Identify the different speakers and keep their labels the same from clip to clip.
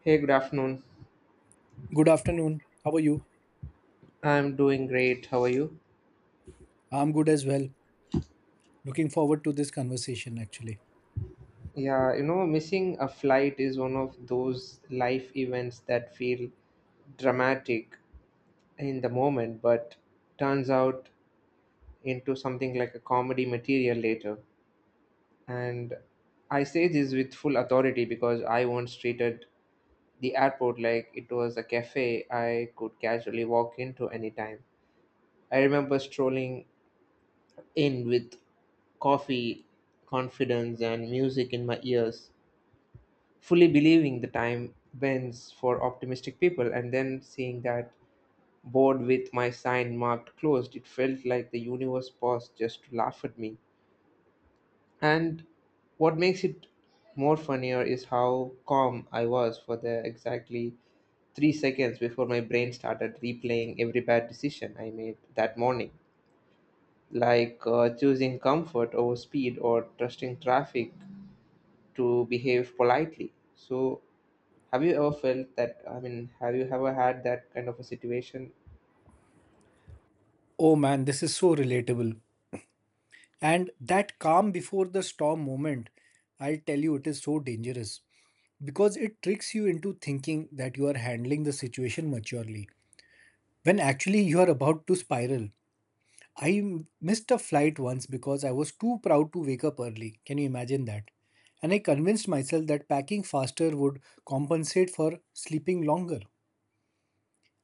Speaker 1: Hey, good afternoon.
Speaker 2: Good afternoon. How are you?
Speaker 1: I'm doing great. How are you?
Speaker 2: I'm good as well. Looking forward to this conversation actually.
Speaker 1: Yeah, missing a flight is one of those life events that feel dramatic in the moment, but turns out into something like a comedy material later. And I say this with full authority because I once treated the airport like it was a cafe I could casually walk into anytime. I remember strolling in with coffee, confidence, and music in my ears, fully believing the time bends for optimistic people, and then seeing that board with my sign marked closed, it felt like the universe paused just to laugh at me. And what makes it more funnier is how calm I was for the exactly 3 seconds before my brain started replaying every bad decision I made that morning, like choosing comfort over speed or trusting traffic to behave politely. So, have you ever felt that? I mean, have you ever had that kind of a situation?
Speaker 2: Oh man, this is so relatable. And that calm before the storm moment, I'll tell you, it is so dangerous because it tricks you into thinking that you are handling the situation maturely when actually you are about to spiral. I missed a flight once because I was too proud to wake up early. Can you imagine that? And I convinced myself that packing faster would compensate for sleeping longer.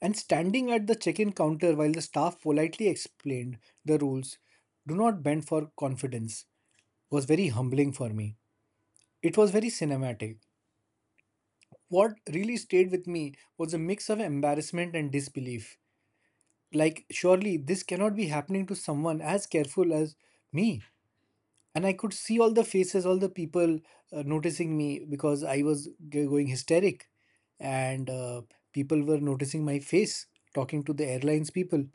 Speaker 2: And standing at the check in counter while the staff politely explained the rules, do not bend for confidence, was very humbling for me. It was very cinematic. What really stayed with me was a mix of embarrassment and disbelief. Like, surely this cannot be happening to someone as careful as me. And I could see all the faces, all the people noticing me because I was going hysteric. And people were noticing my face, talking to the airlines people.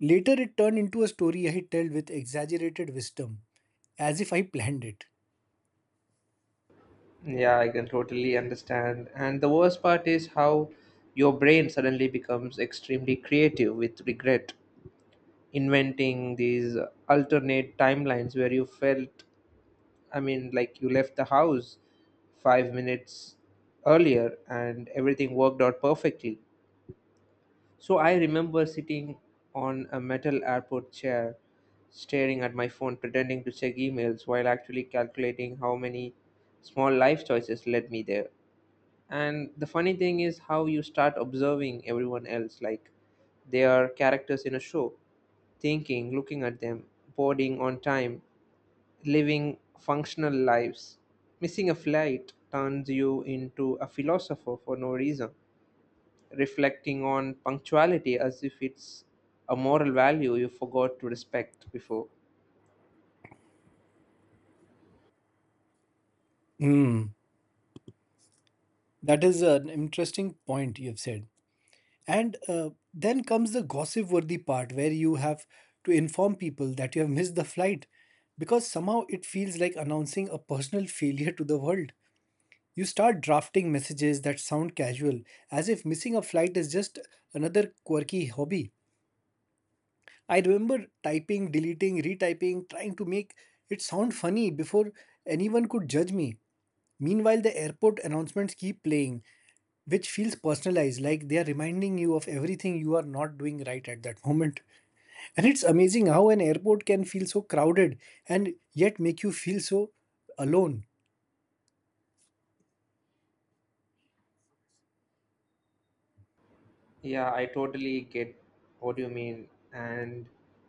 Speaker 2: Later, it turned into a story I tell with exaggerated wisdom, as if I planned it.
Speaker 1: Yeah, I can totally understand. And the worst part is how your brain suddenly becomes extremely creative with regret, inventing these alternate timelines where you felt, I mean, like you left the house 5 minutes earlier and everything worked out perfectly. So I remember sitting on a metal airport chair, staring at my phone, pretending to check emails while actually calculating how many small life choices led me there. And the funny thing is how you start observing everyone else, like they are characters in a show, thinking, looking at them, boarding on time, living functional lives. Missing a flight turns you into a philosopher for no reason, reflecting on punctuality as if it's a moral value you forgot to respect before.
Speaker 2: Hmm, that is an interesting point you've said. And then comes the gossip worthy part where you have to inform people that you have missed the flight because somehow it feels like announcing a personal failure to the world. You start drafting messages that sound casual, as if missing a flight is just another quirky hobby. I remember typing, deleting, retyping, trying to make it sound funny before anyone could judge me. Meanwhile, the airport announcements keep playing, which feels personalized, like they are reminding you of everything you are not doing right at that moment. And it's amazing how an airport can feel so crowded and yet make you feel so alone.
Speaker 1: Yeah, I totally get what you mean. And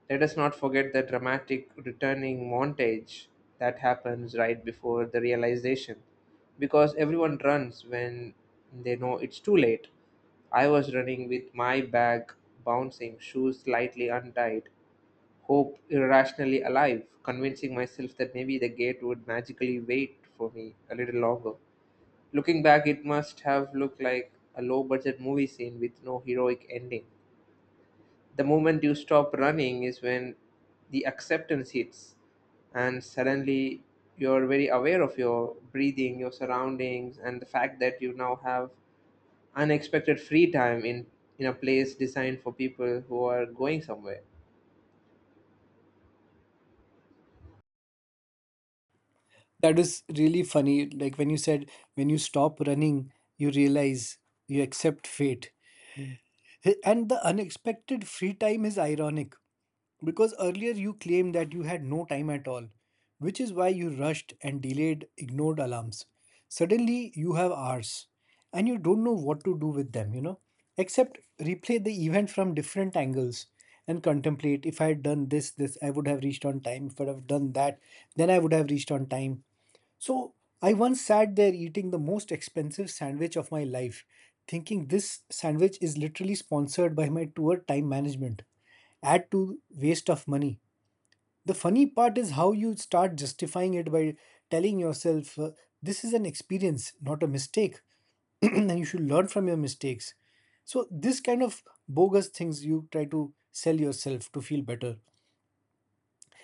Speaker 1: let us not forget the dramatic returning montage that happens right before the realization, because everyone runs when they know it's too late. I was running with my bag bouncing, shoes slightly untied, hope irrationally alive, convincing myself that maybe the gate would magically wait for me a little longer. Looking back, it must have looked like a low budget movie scene with no heroic ending. The moment you stop running is when the acceptance hits, and suddenly you're very aware of your breathing, your surroundings, and the fact that you now have unexpected free time in a place designed for people who are going somewhere.
Speaker 2: That is really funny. Like when you said, when you stop running, you realize you accept fate. And the unexpected free time is ironic because earlier you claimed that you had no time at all, which is why you rushed and delayed, ignored alarms. Suddenly you have hours and you don't know what to do with them, you know, except replay the event from different angles and contemplate if I had done this, this, I would have reached on time. If I would have done that, then I would have reached on time. So I once sat there eating the most expensive sandwich of my life, thinking this sandwich is literally sponsored by my tour time management. Add to waste of money. The funny part is how you start justifying it by telling yourself this is an experience, not a mistake, and you should learn from your mistakes. So this kind of bogus things you try to sell yourself to feel better.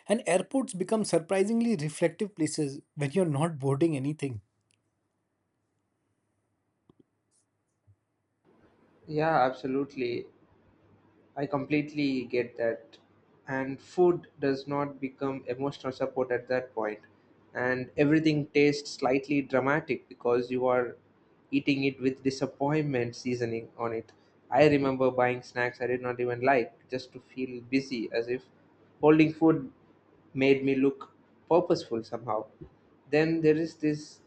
Speaker 2: And airports become surprisingly reflective places when you're not boarding anything.
Speaker 1: Yeah, absolutely. I completely get that. And food does not become emotional support at that point. And everything tastes slightly dramatic because you are eating it with disappointment seasoning on it. I remember buying snacks I did not even like just to feel busy, as if holding food made me look purposeful somehow. Then there is this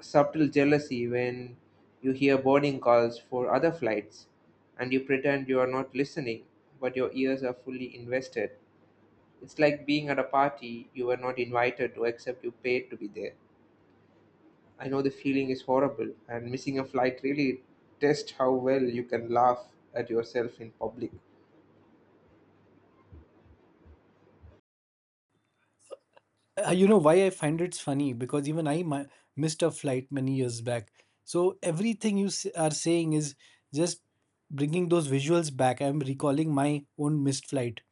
Speaker 1: subtle jealousy when you hear boarding calls for other flights and you pretend you are not listening, but your ears are fully invested. It's like being at a party you were not invited to, except you paid to be there. I know the feeling is horrible, and missing a flight really tests how well you can laugh at yourself in public.
Speaker 2: You know why I find it's funny? Because even I missed a flight many years back. So everything you are saying is just bringing those visuals back. I'm recalling my own missed flight.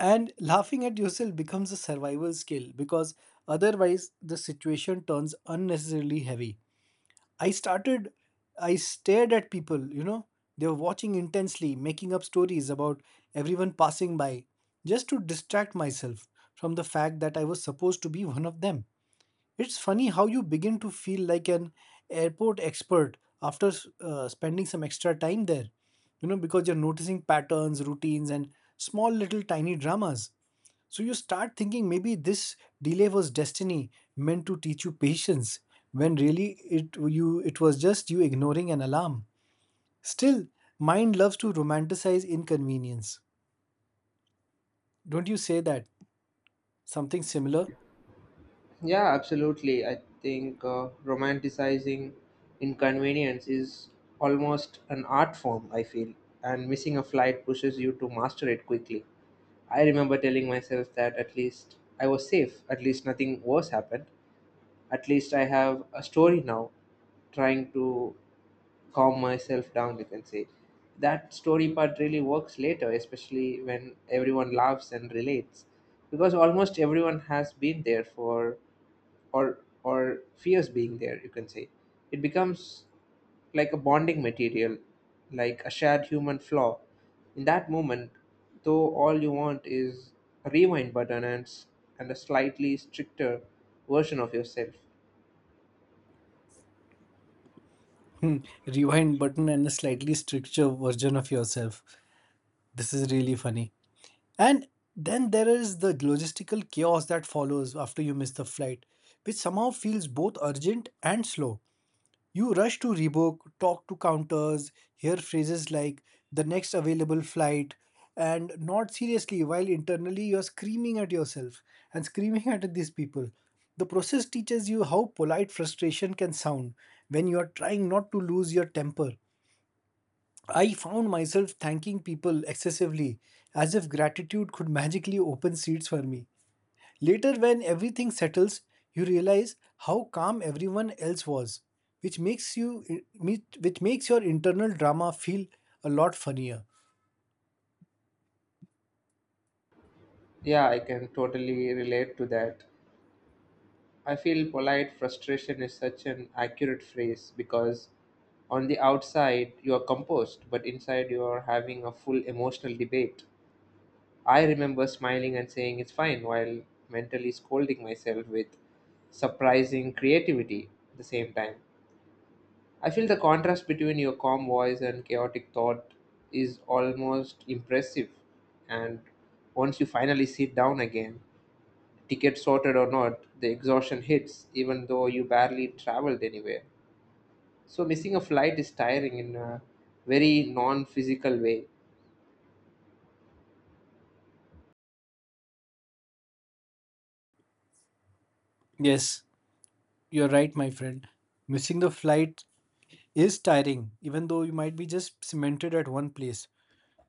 Speaker 2: And laughing at yourself becomes a survival skill because otherwise the situation turns unnecessarily heavy. I started, I stared at people, you know, they were watching intensely, making up stories about everyone passing by just to distract myself from the fact that I was supposed to be one of them. It's funny how you begin to feel like an airport expert after spending some extra time there, you know, because you're noticing patterns, routines, and small little tiny dramas. So you start thinking maybe this delay was destiny meant to teach you patience, when really it was just you ignoring an alarm. Still, mind loves to romanticize inconvenience. Don't you say that? Something similar?
Speaker 1: Yeah, absolutely. I think romanticizing inconvenience is almost an art form, I feel, and missing a flight pushes you to master it quickly. I remember telling myself that at least I was safe, at least nothing worse happened, at least I have a story now, trying to calm myself down, you can say. That story part really works later, especially when everyone laughs and relates, because almost everyone has been there for or fears being there, you can say. It becomes like a bonding material, like a shared human flaw in that moment, though all you want is a rewind button and a slightly stricter version of yourself.
Speaker 2: Hmm, rewind button and a slightly stricter version of yourself. This is really funny. And then there is the logistical chaos that follows after you miss the flight, which somehow feels both urgent and slow. You rush to rebook, talk to counters, hear phrases like the next available flight, and not seriously, while internally you're screaming at yourself and screaming at these people. The process teaches you how polite frustration can sound when you are trying not to lose your temper. I found myself thanking people excessively, as if gratitude could magically open seats for me. Later, when everything settles, you realize how calm everyone else was, which makes you which makes your internal drama feel a lot funnier.
Speaker 1: Yeah, I can totally relate to that. I feel polite frustration is such an accurate phrase because on the outside you are composed, but inside you are having a full emotional debate. I remember smiling and saying it's fine while mentally scolding myself with surprising creativity at the same time. I feel the contrast between your calm voice and chaotic thought is almost impressive. And once you finally sit down again, ticket sorted or not, the exhaustion hits even though you barely traveled anywhere. So missing a flight is tiring in a very non-physical way.
Speaker 2: Yes, you're right, my friend. Missing the flight is tiring, even though you might be just cemented at one place.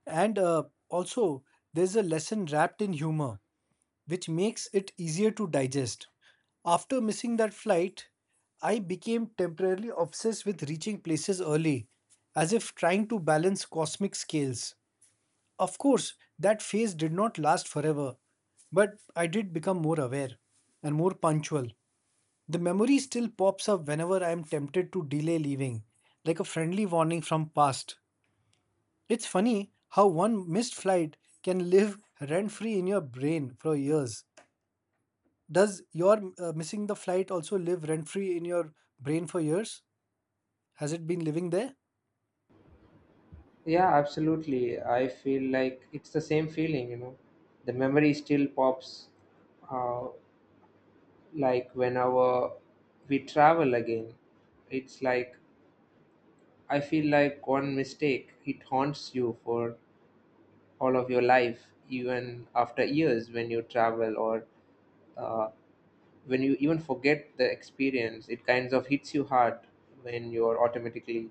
Speaker 2: And also, there's a lesson wrapped in humor, which makes it easier to digest. After missing that flight, I became temporarily obsessed with reaching places early, as if trying to balance cosmic scales. Of course, that phase did not last forever, but I did become more aware and more punctual. The memory still pops up whenever I am tempted to delay leaving, like a friendly warning from past. It's funny how one missed flight can live rent free in your brain for years. Does your missing the flight also live rent free in your brain for years? Has it been living there?
Speaker 1: Yeah, absolutely. I feel like it's the same feeling. The memory still pops, uh, like whenever we travel again. It's like I feel like one mistake, it haunts you for all of your life, even after years when you travel, or uh, when you even forget the experience. It kind of hits you hard when you're automatically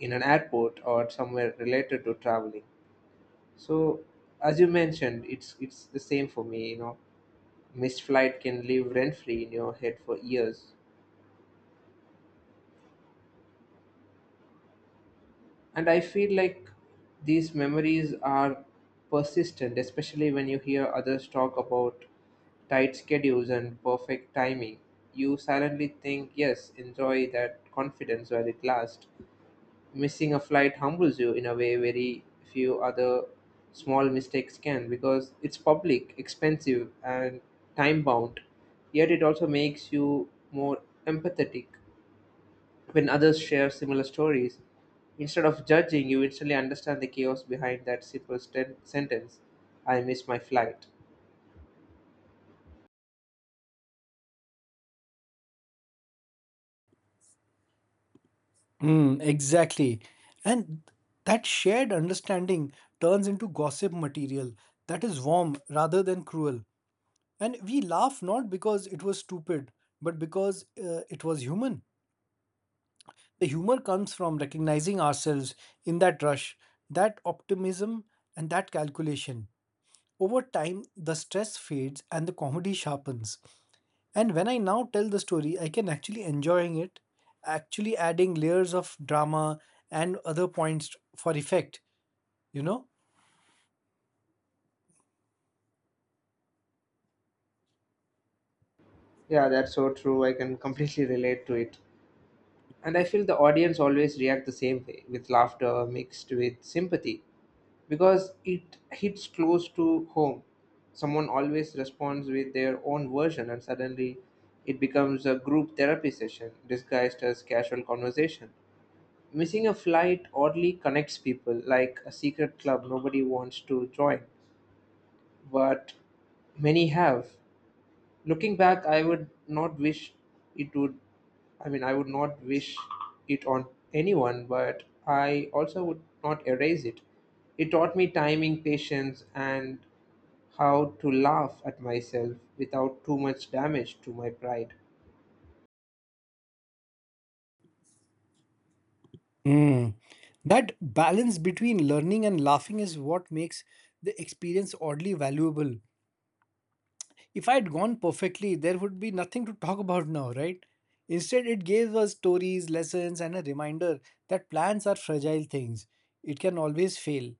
Speaker 1: in an airport or somewhere related to traveling. So, as you mentioned, it's the same for me. Missed flight can live rent free in your head for years, and I feel like these memories are persistent, especially when you hear others talk about tight schedules and perfect timing. You silently think, yes, enjoy that confidence while it lasts. Missing a flight humbles you in a way very few other small mistakes can because it's public, expensive, and time bound. Yet it also makes you more empathetic when others share similar stories. Instead of judging, you instantly understand the chaos behind that simple sentence, I miss my flight.
Speaker 2: Mm, exactly. And that shared understanding turns into gossip material that is warm rather than cruel. And we laugh not because it was stupid, but because it was human. The humor comes from recognizing ourselves in that rush, that optimism, and that calculation. Over time, the stress fades and the comedy sharpens. And when I now tell the story, I can actually enjoying it, actually adding layers of drama and other points for effect, you know?
Speaker 1: Yeah, that's so true. I can completely relate to it. And I feel the audience always react the same way with laughter mixed with sympathy because it hits close to home. Someone always responds with their own version, and suddenly it becomes a group therapy session disguised as casual conversation. Missing a flight oddly connects people like a secret club nobody wants to join, but many have. Looking back, I would not wish it, would I mean I would not wish it on anyone, but I also would not erase it. Taught me timing, patience, and how to laugh at myself without too much damage to my pride.
Speaker 2: Mm. That balance between learning and laughing is what makes the experience oddly valuable. If I had gone perfectly, there would be nothing to talk about now, right? Instead, it gave us stories, lessons, and a reminder that plans are fragile things. It can always fail.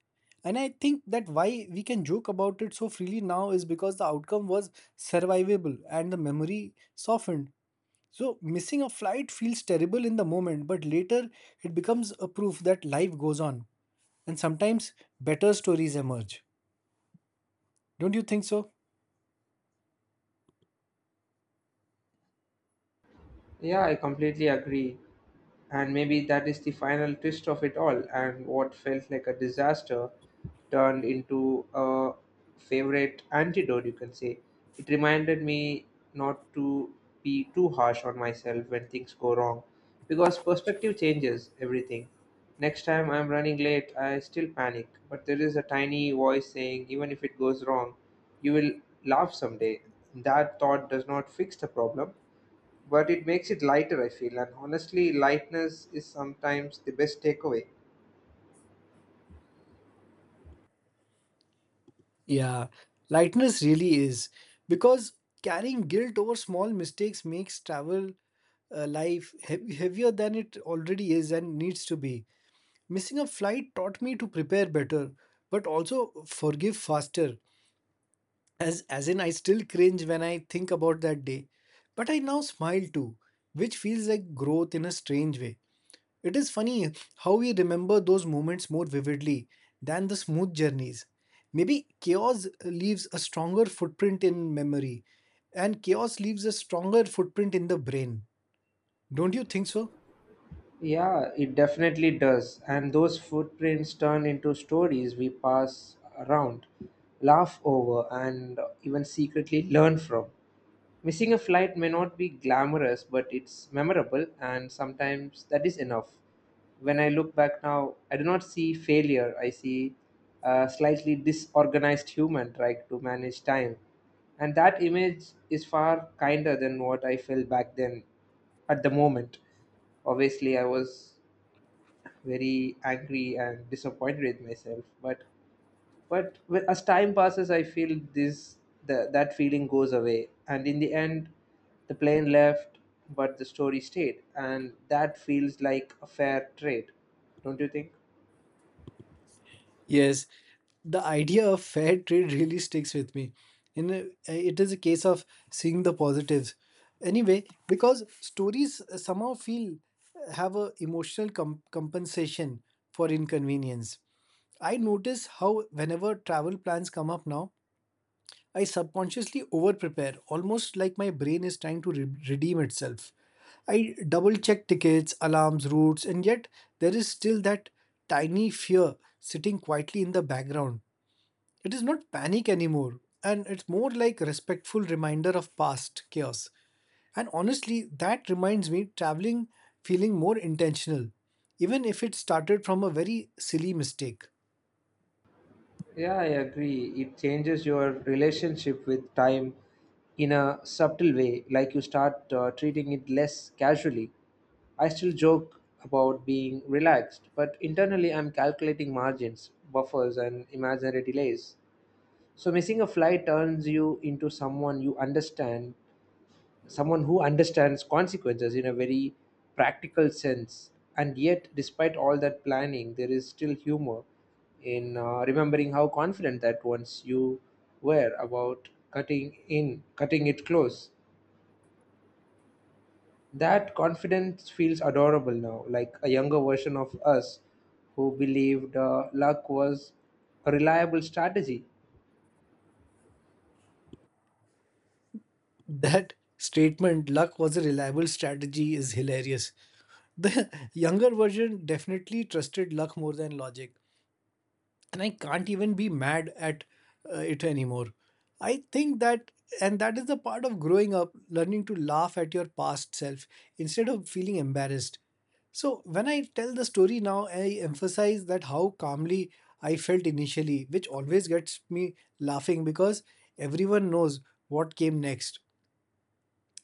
Speaker 2: And I think that why we can joke about it so freely now is because the outcome was survivable and the memory softened. So, missing a flight feels terrible in the moment, but later it becomes a proof that life goes on and sometimes better stories emerge. Don't you think so?
Speaker 1: Yeah, I completely agree. And maybe that is the final twist of it all, and what felt like a disaster turned into a favorite antidote, you can say. It reminded me not to be too harsh on myself when things go wrong, because perspective changes everything. Next time I'm running late, I still panic, but there is a tiny voice saying, even if it goes wrong, you will laugh someday. That thought does not fix the problem, but it makes it lighter, I feel. And honestly, lightness is sometimes the best takeaway.
Speaker 2: Yeah, lightness really is because carrying guilt over small mistakes makes travel life heavier than it already is and needs to be. Missing a flight taught me to prepare better, but also forgive faster. As in, I still cringe when I think about that day, but I now smile too, which feels like growth in a strange way. It is funny how we remember those moments more vividly than the smooth journeys. Maybe chaos leaves a stronger footprint in memory, and chaos leaves a stronger footprint in the brain. Don't you think so?
Speaker 1: Yeah, it definitely does. And those footprints turn into stories we pass around, laugh over, and even secretly learn from. Missing a flight may not be glamorous, but it's memorable, and sometimes that is enough. When I look back now, I do not see failure. I see a slightly disorganized human trying to manage time. And that image is far kinder than what I felt back then at the moment. Obviously, I was very angry and disappointed with myself, but as time passes, I feel that feeling goes away, and in the end the plane left, but the story stayed, and that feels like a fair trade. Don't you think?
Speaker 2: Yes, the idea of fair trade really sticks with me. And it is a case of seeing the positives. Anyway, because stories somehow feel have a emotional compensation for inconvenience. I notice how whenever travel plans come up now, I subconsciously over prepare, almost like my brain is trying to redeem itself. I double check tickets, alarms, routes, and yet there is still that tiny fear sitting quietly in the background. It is not panic anymore, and it's more like respectful reminder of past chaos. And honestly, that reminds me traveling feeling more intentional, even if it started from a very silly mistake.
Speaker 1: Yeah, I agree. It changes your relationship with time in a subtle way, like you start treating it less casually. I still joke about being relaxed, but internally I'm calculating margins, buffers, and imaginary delays. So missing a flight turns you into someone you understand, someone who understands consequences in a very practical sense. And yet, despite all that planning, there is still humor in remembering how confident that once you were about cutting it close. That confidence feels adorable now, like a younger version of us who believed luck was a reliable strategy.
Speaker 2: That statement, luck was a reliable strategy, is hilarious. The younger version definitely trusted luck more than logic, and I can't even be mad at it anymore. I think that, and that is the part of growing up, learning to laugh at your past self instead of feeling embarrassed. So, when I tell the story now, I emphasize that how calmly I felt initially, which always gets me laughing because everyone knows what came next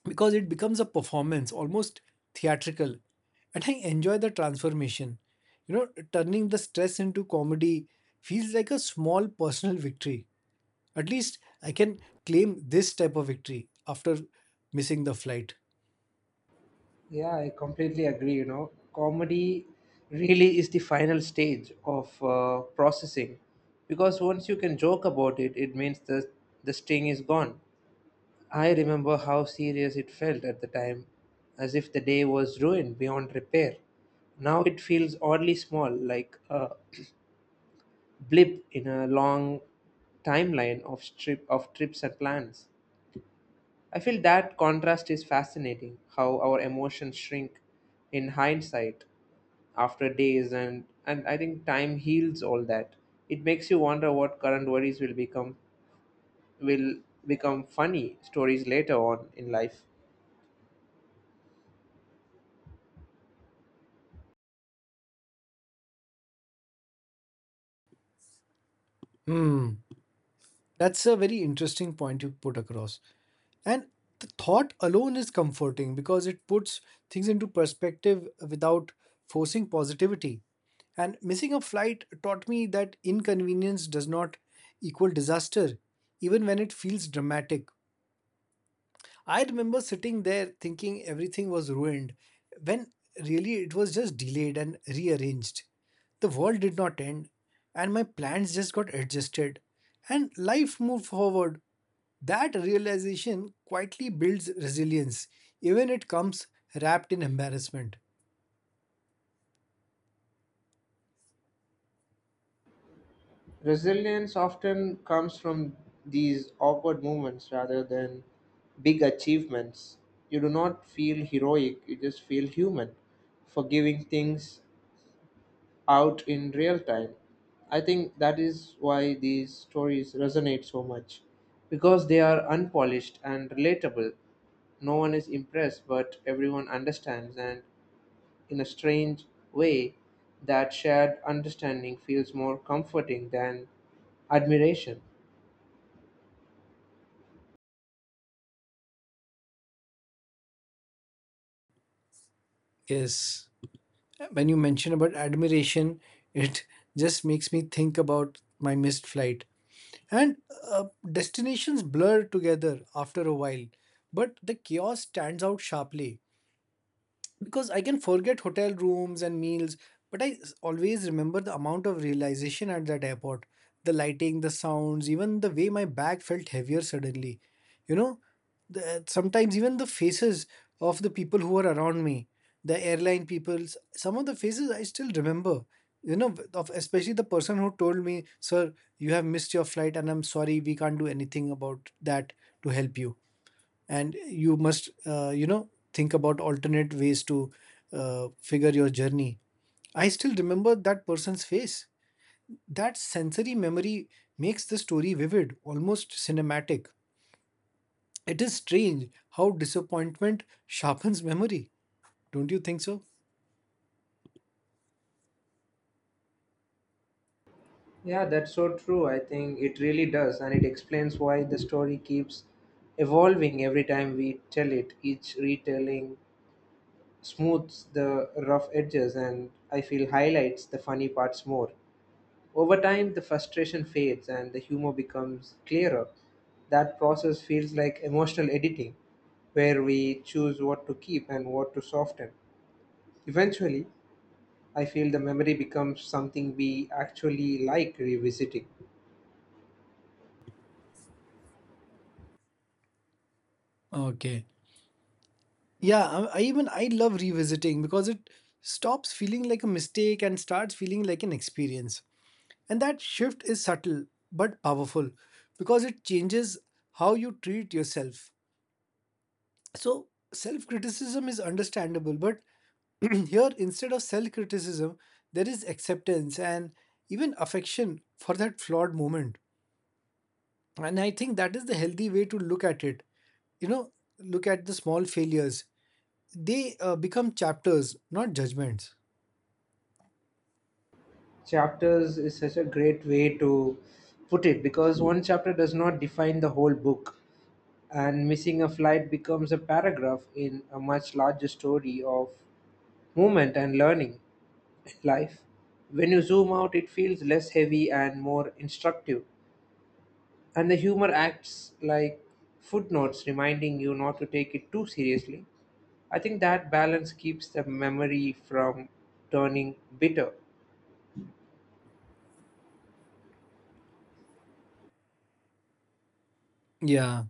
Speaker 2: because it becomes a performance, almost theatrical. And I enjoy the transformation. You know, turning the stress into comedy feels like a small personal victory. At least I can claim this type of victory after missing the flight.
Speaker 1: Yeah, I completely agree. Comedy really is the final stage of processing, because once you can joke about it, it means the sting is gone. I remember how serious it felt at the time, as if the day was ruined beyond repair. Now it feels oddly small, like a blip in a long timeline of strip of trips and plans. I feel that contrast is fascinating, how our emotions shrink in hindsight after days, and I think time heals all that. It makes you wonder what current worries will will become funny stories later on in life.
Speaker 2: Hmm, that's a very interesting point you put across. And the thought alone is comforting because it puts things into perspective without forcing positivity. And missing a flight taught me that inconvenience does not equal disaster, even when it feels dramatic. I remember sitting there thinking everything was ruined, when really it was just delayed and rearranged. The world did not end, and my plans just got adjusted, and life moved forward. That realization quietly builds resilience, even it comes wrapped in embarrassment.
Speaker 1: Resilience often comes from these awkward moments rather than big achievements. You do not feel heroic, you just feel human, forgiving things out in real time. I think that is why these stories resonate so much because they are unpolished and relatable. No one is impressed, but everyone understands, and in a strange way, that shared understanding feels more comforting than admiration.
Speaker 2: Yes, when you mention about admiration, it just makes me think about my missed flight. And destinations blur together after a while, but the chaos stands out sharply. Because I can forget hotel rooms and meals, but I always remember the amount of realization at that airport. The lighting, the sounds, even the way my bag felt heavier suddenly. You know, Sometimes even the faces of the people who were around me, the airline people, some of the faces I still remember. You know, of Especially the person who told me, "Sir, you have missed your flight, and I'm sorry, we can't do anything about that to help you." And you must think about alternate ways to figure your journey. I still remember that person's face. That sensory memory makes the story vivid, almost cinematic. It is strange how disappointment sharpens memory. Don't you think so?
Speaker 1: Yeah, that's so true. I think it really does, and it explains why the story keeps evolving every time we tell it. Each retelling smooths the rough edges, and I feel, highlights the funny parts more. Over time, the frustration fades and the humor becomes clearer. That process feels like emotional editing, where we choose what to keep and what to soften. Eventually, I feel the memory becomes something we actually like revisiting.
Speaker 2: Okay. Yeah, I love revisiting, because it stops feeling like a mistake and starts feeling like an experience. And that shift is subtle but powerful, because it changes how you treat yourself. So, self criticism is understandable, but here instead of self criticism, there is acceptance and even affection for that flawed moment. And I think that is the healthy way to look at it. You know, look at the small failures, they become chapters, not judgments.
Speaker 1: Chapters is such a great way to put it because one chapter does not define the whole book, and missing a flight becomes a paragraph in a much larger story of movement and learning in life. When you zoom out, it feels less heavy and more instructive, and the humor acts like footnotes reminding you not to take it too seriously. I think that balance keeps the memory from turning bitter.
Speaker 2: Yeah.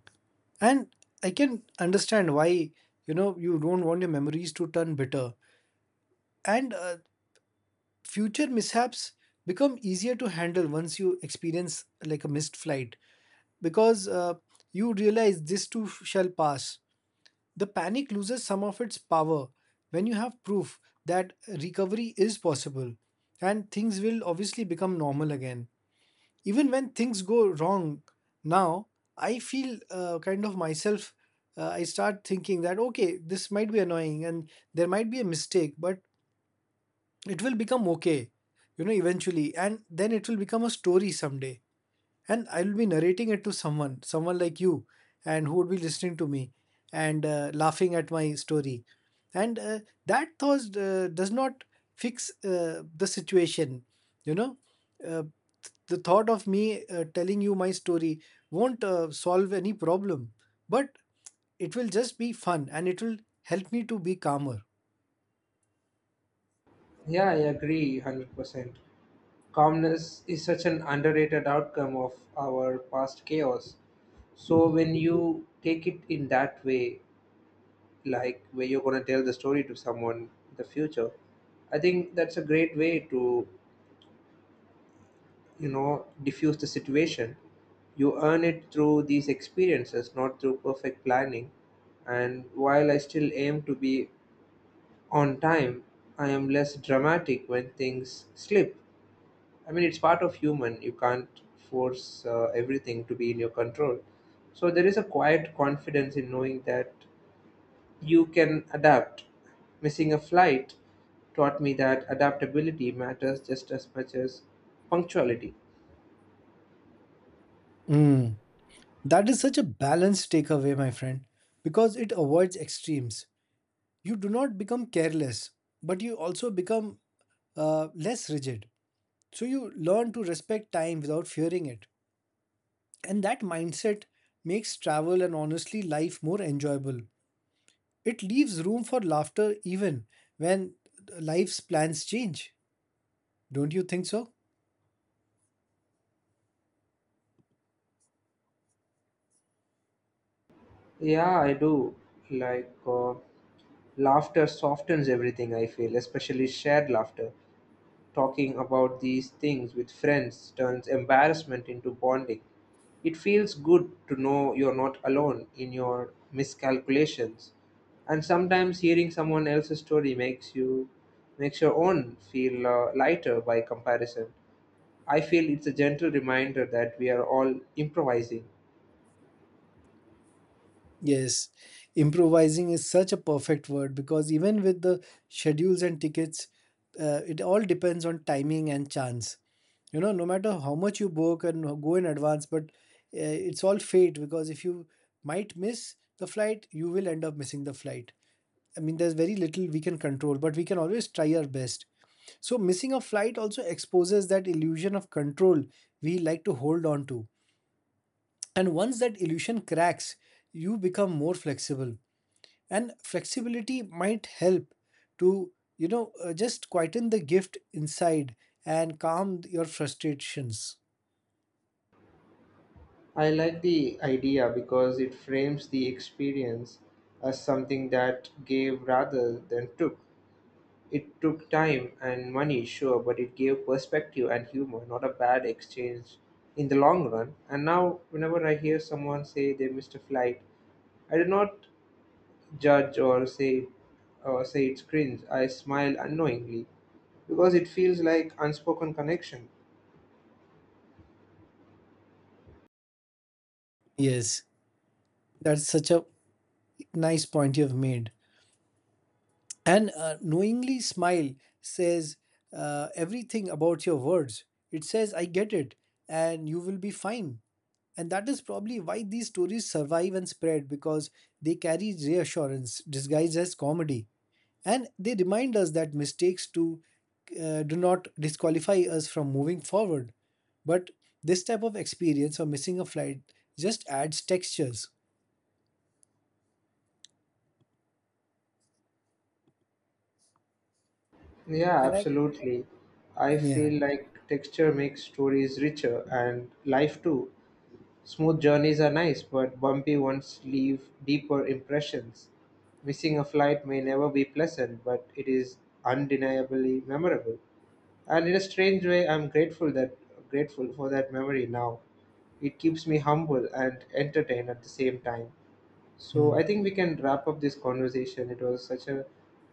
Speaker 2: And I can understand why, you know, you don't want your memories to turn bitter, and future mishaps become easier to handle once you experience like a missed flight, because you realize this too shall pass. The panic loses some of its power when you have proof that recovery is possible, and things will obviously become normal again. Even when things go wrong now, I feel kind of myself. I start thinking that okay, this might be annoying and there might be a mistake, but it will become okay, you know, eventually, and then it will become a story someday, and I will be narrating it to someone, like you, and who would be listening to me and laughing at my story. And that thought does not fix the situation, you know. Uh, the thought of me telling you my story won't solve any problem, but it will just be fun and it will help me to be calmer.
Speaker 1: Yeah, I agree 100%. Calmness is such an underrated outcome of our past chaos. So when you take it in that way, like where you're gonna tell the story to someone in the future, I think that's a great way to diffuse the situation. You earn it through these experiences, not through perfect planning. And while I still aim to be on time, I am less dramatic when things slip. I mean, it's part of human. You can't force everything to be in your control. So there is a quiet confidence in knowing that you can adapt. Missing a flight taught me that adaptability matters just as much as punctuality.
Speaker 2: That is such a balanced takeaway, my friend, because it avoids extremes. You do not become careless, but you also become less rigid. So you learn to respect time without fearing it. And that mindset makes travel, and honestly life, more enjoyable. It leaves room for laughter even when life's plans change. Don't you think so?
Speaker 1: Yeah, I do. Like, laughter softens everything, I feel, especially shared laughter. Talking about these things with friends turns embarrassment into bonding. It feels good to know you're not alone in your miscalculations. And sometimes hearing someone else's story makes your own feel lighter by comparison. I feel it's a gentle reminder that we are all improvising.
Speaker 2: Yes, improvising is such a perfect word, because even with the schedules and tickets, it all depends on timing and chance. You know, no matter how much you book and go in advance, but it's all fate, because if you might miss the flight, you will end up missing the flight. I mean, there's very little we can control, but we can always try our best. So, missing a flight also exposes that illusion of control we like to hold on to. And once that illusion cracks, you become more flexible, and flexibility might help to, just quieten the gift inside and calm your frustrations.
Speaker 1: I like the idea because it frames the experience as something that gave rather than took. It took time and money, sure, but it gave perspective and humor, not a bad exchange in the long run. And now, whenever I hear someone say they missed a flight, I do not judge or say it's cringe. I smile unknowingly because it feels like unspoken connection.
Speaker 2: Yes, that's such a nice point you've made. And knowingly smile says everything about your words. It says I get it and you will be fine. And that is probably why these stories survive and spread, because they carry reassurance disguised as comedy, and they remind us that mistakes to do not disqualify us from moving forward. But this type of experience of missing a flight just adds textures.
Speaker 1: Yeah,
Speaker 2: And I,
Speaker 1: absolutely. I
Speaker 2: yeah.
Speaker 1: feel like texture makes stories richer and life too. Smooth journeys are nice, but bumpy ones leave deeper impressions. Missing a flight may never be pleasant, but it is undeniably memorable. And in a strange way, I'm grateful for that memory now. It keeps me humble and entertained at the same time. So
Speaker 2: Hmm.
Speaker 1: I think we can wrap up this conversation. It was such a,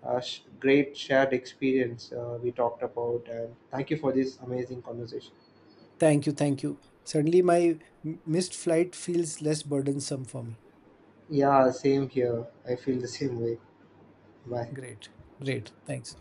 Speaker 1: uh sh- great shared experience we talked about, and thank you for this amazing conversation.
Speaker 2: Thank you, thank you, suddenly my missed flight feels less burdensome for me.
Speaker 1: Yeah, same here. I feel the same way. Bye.
Speaker 2: Great, great, thanks.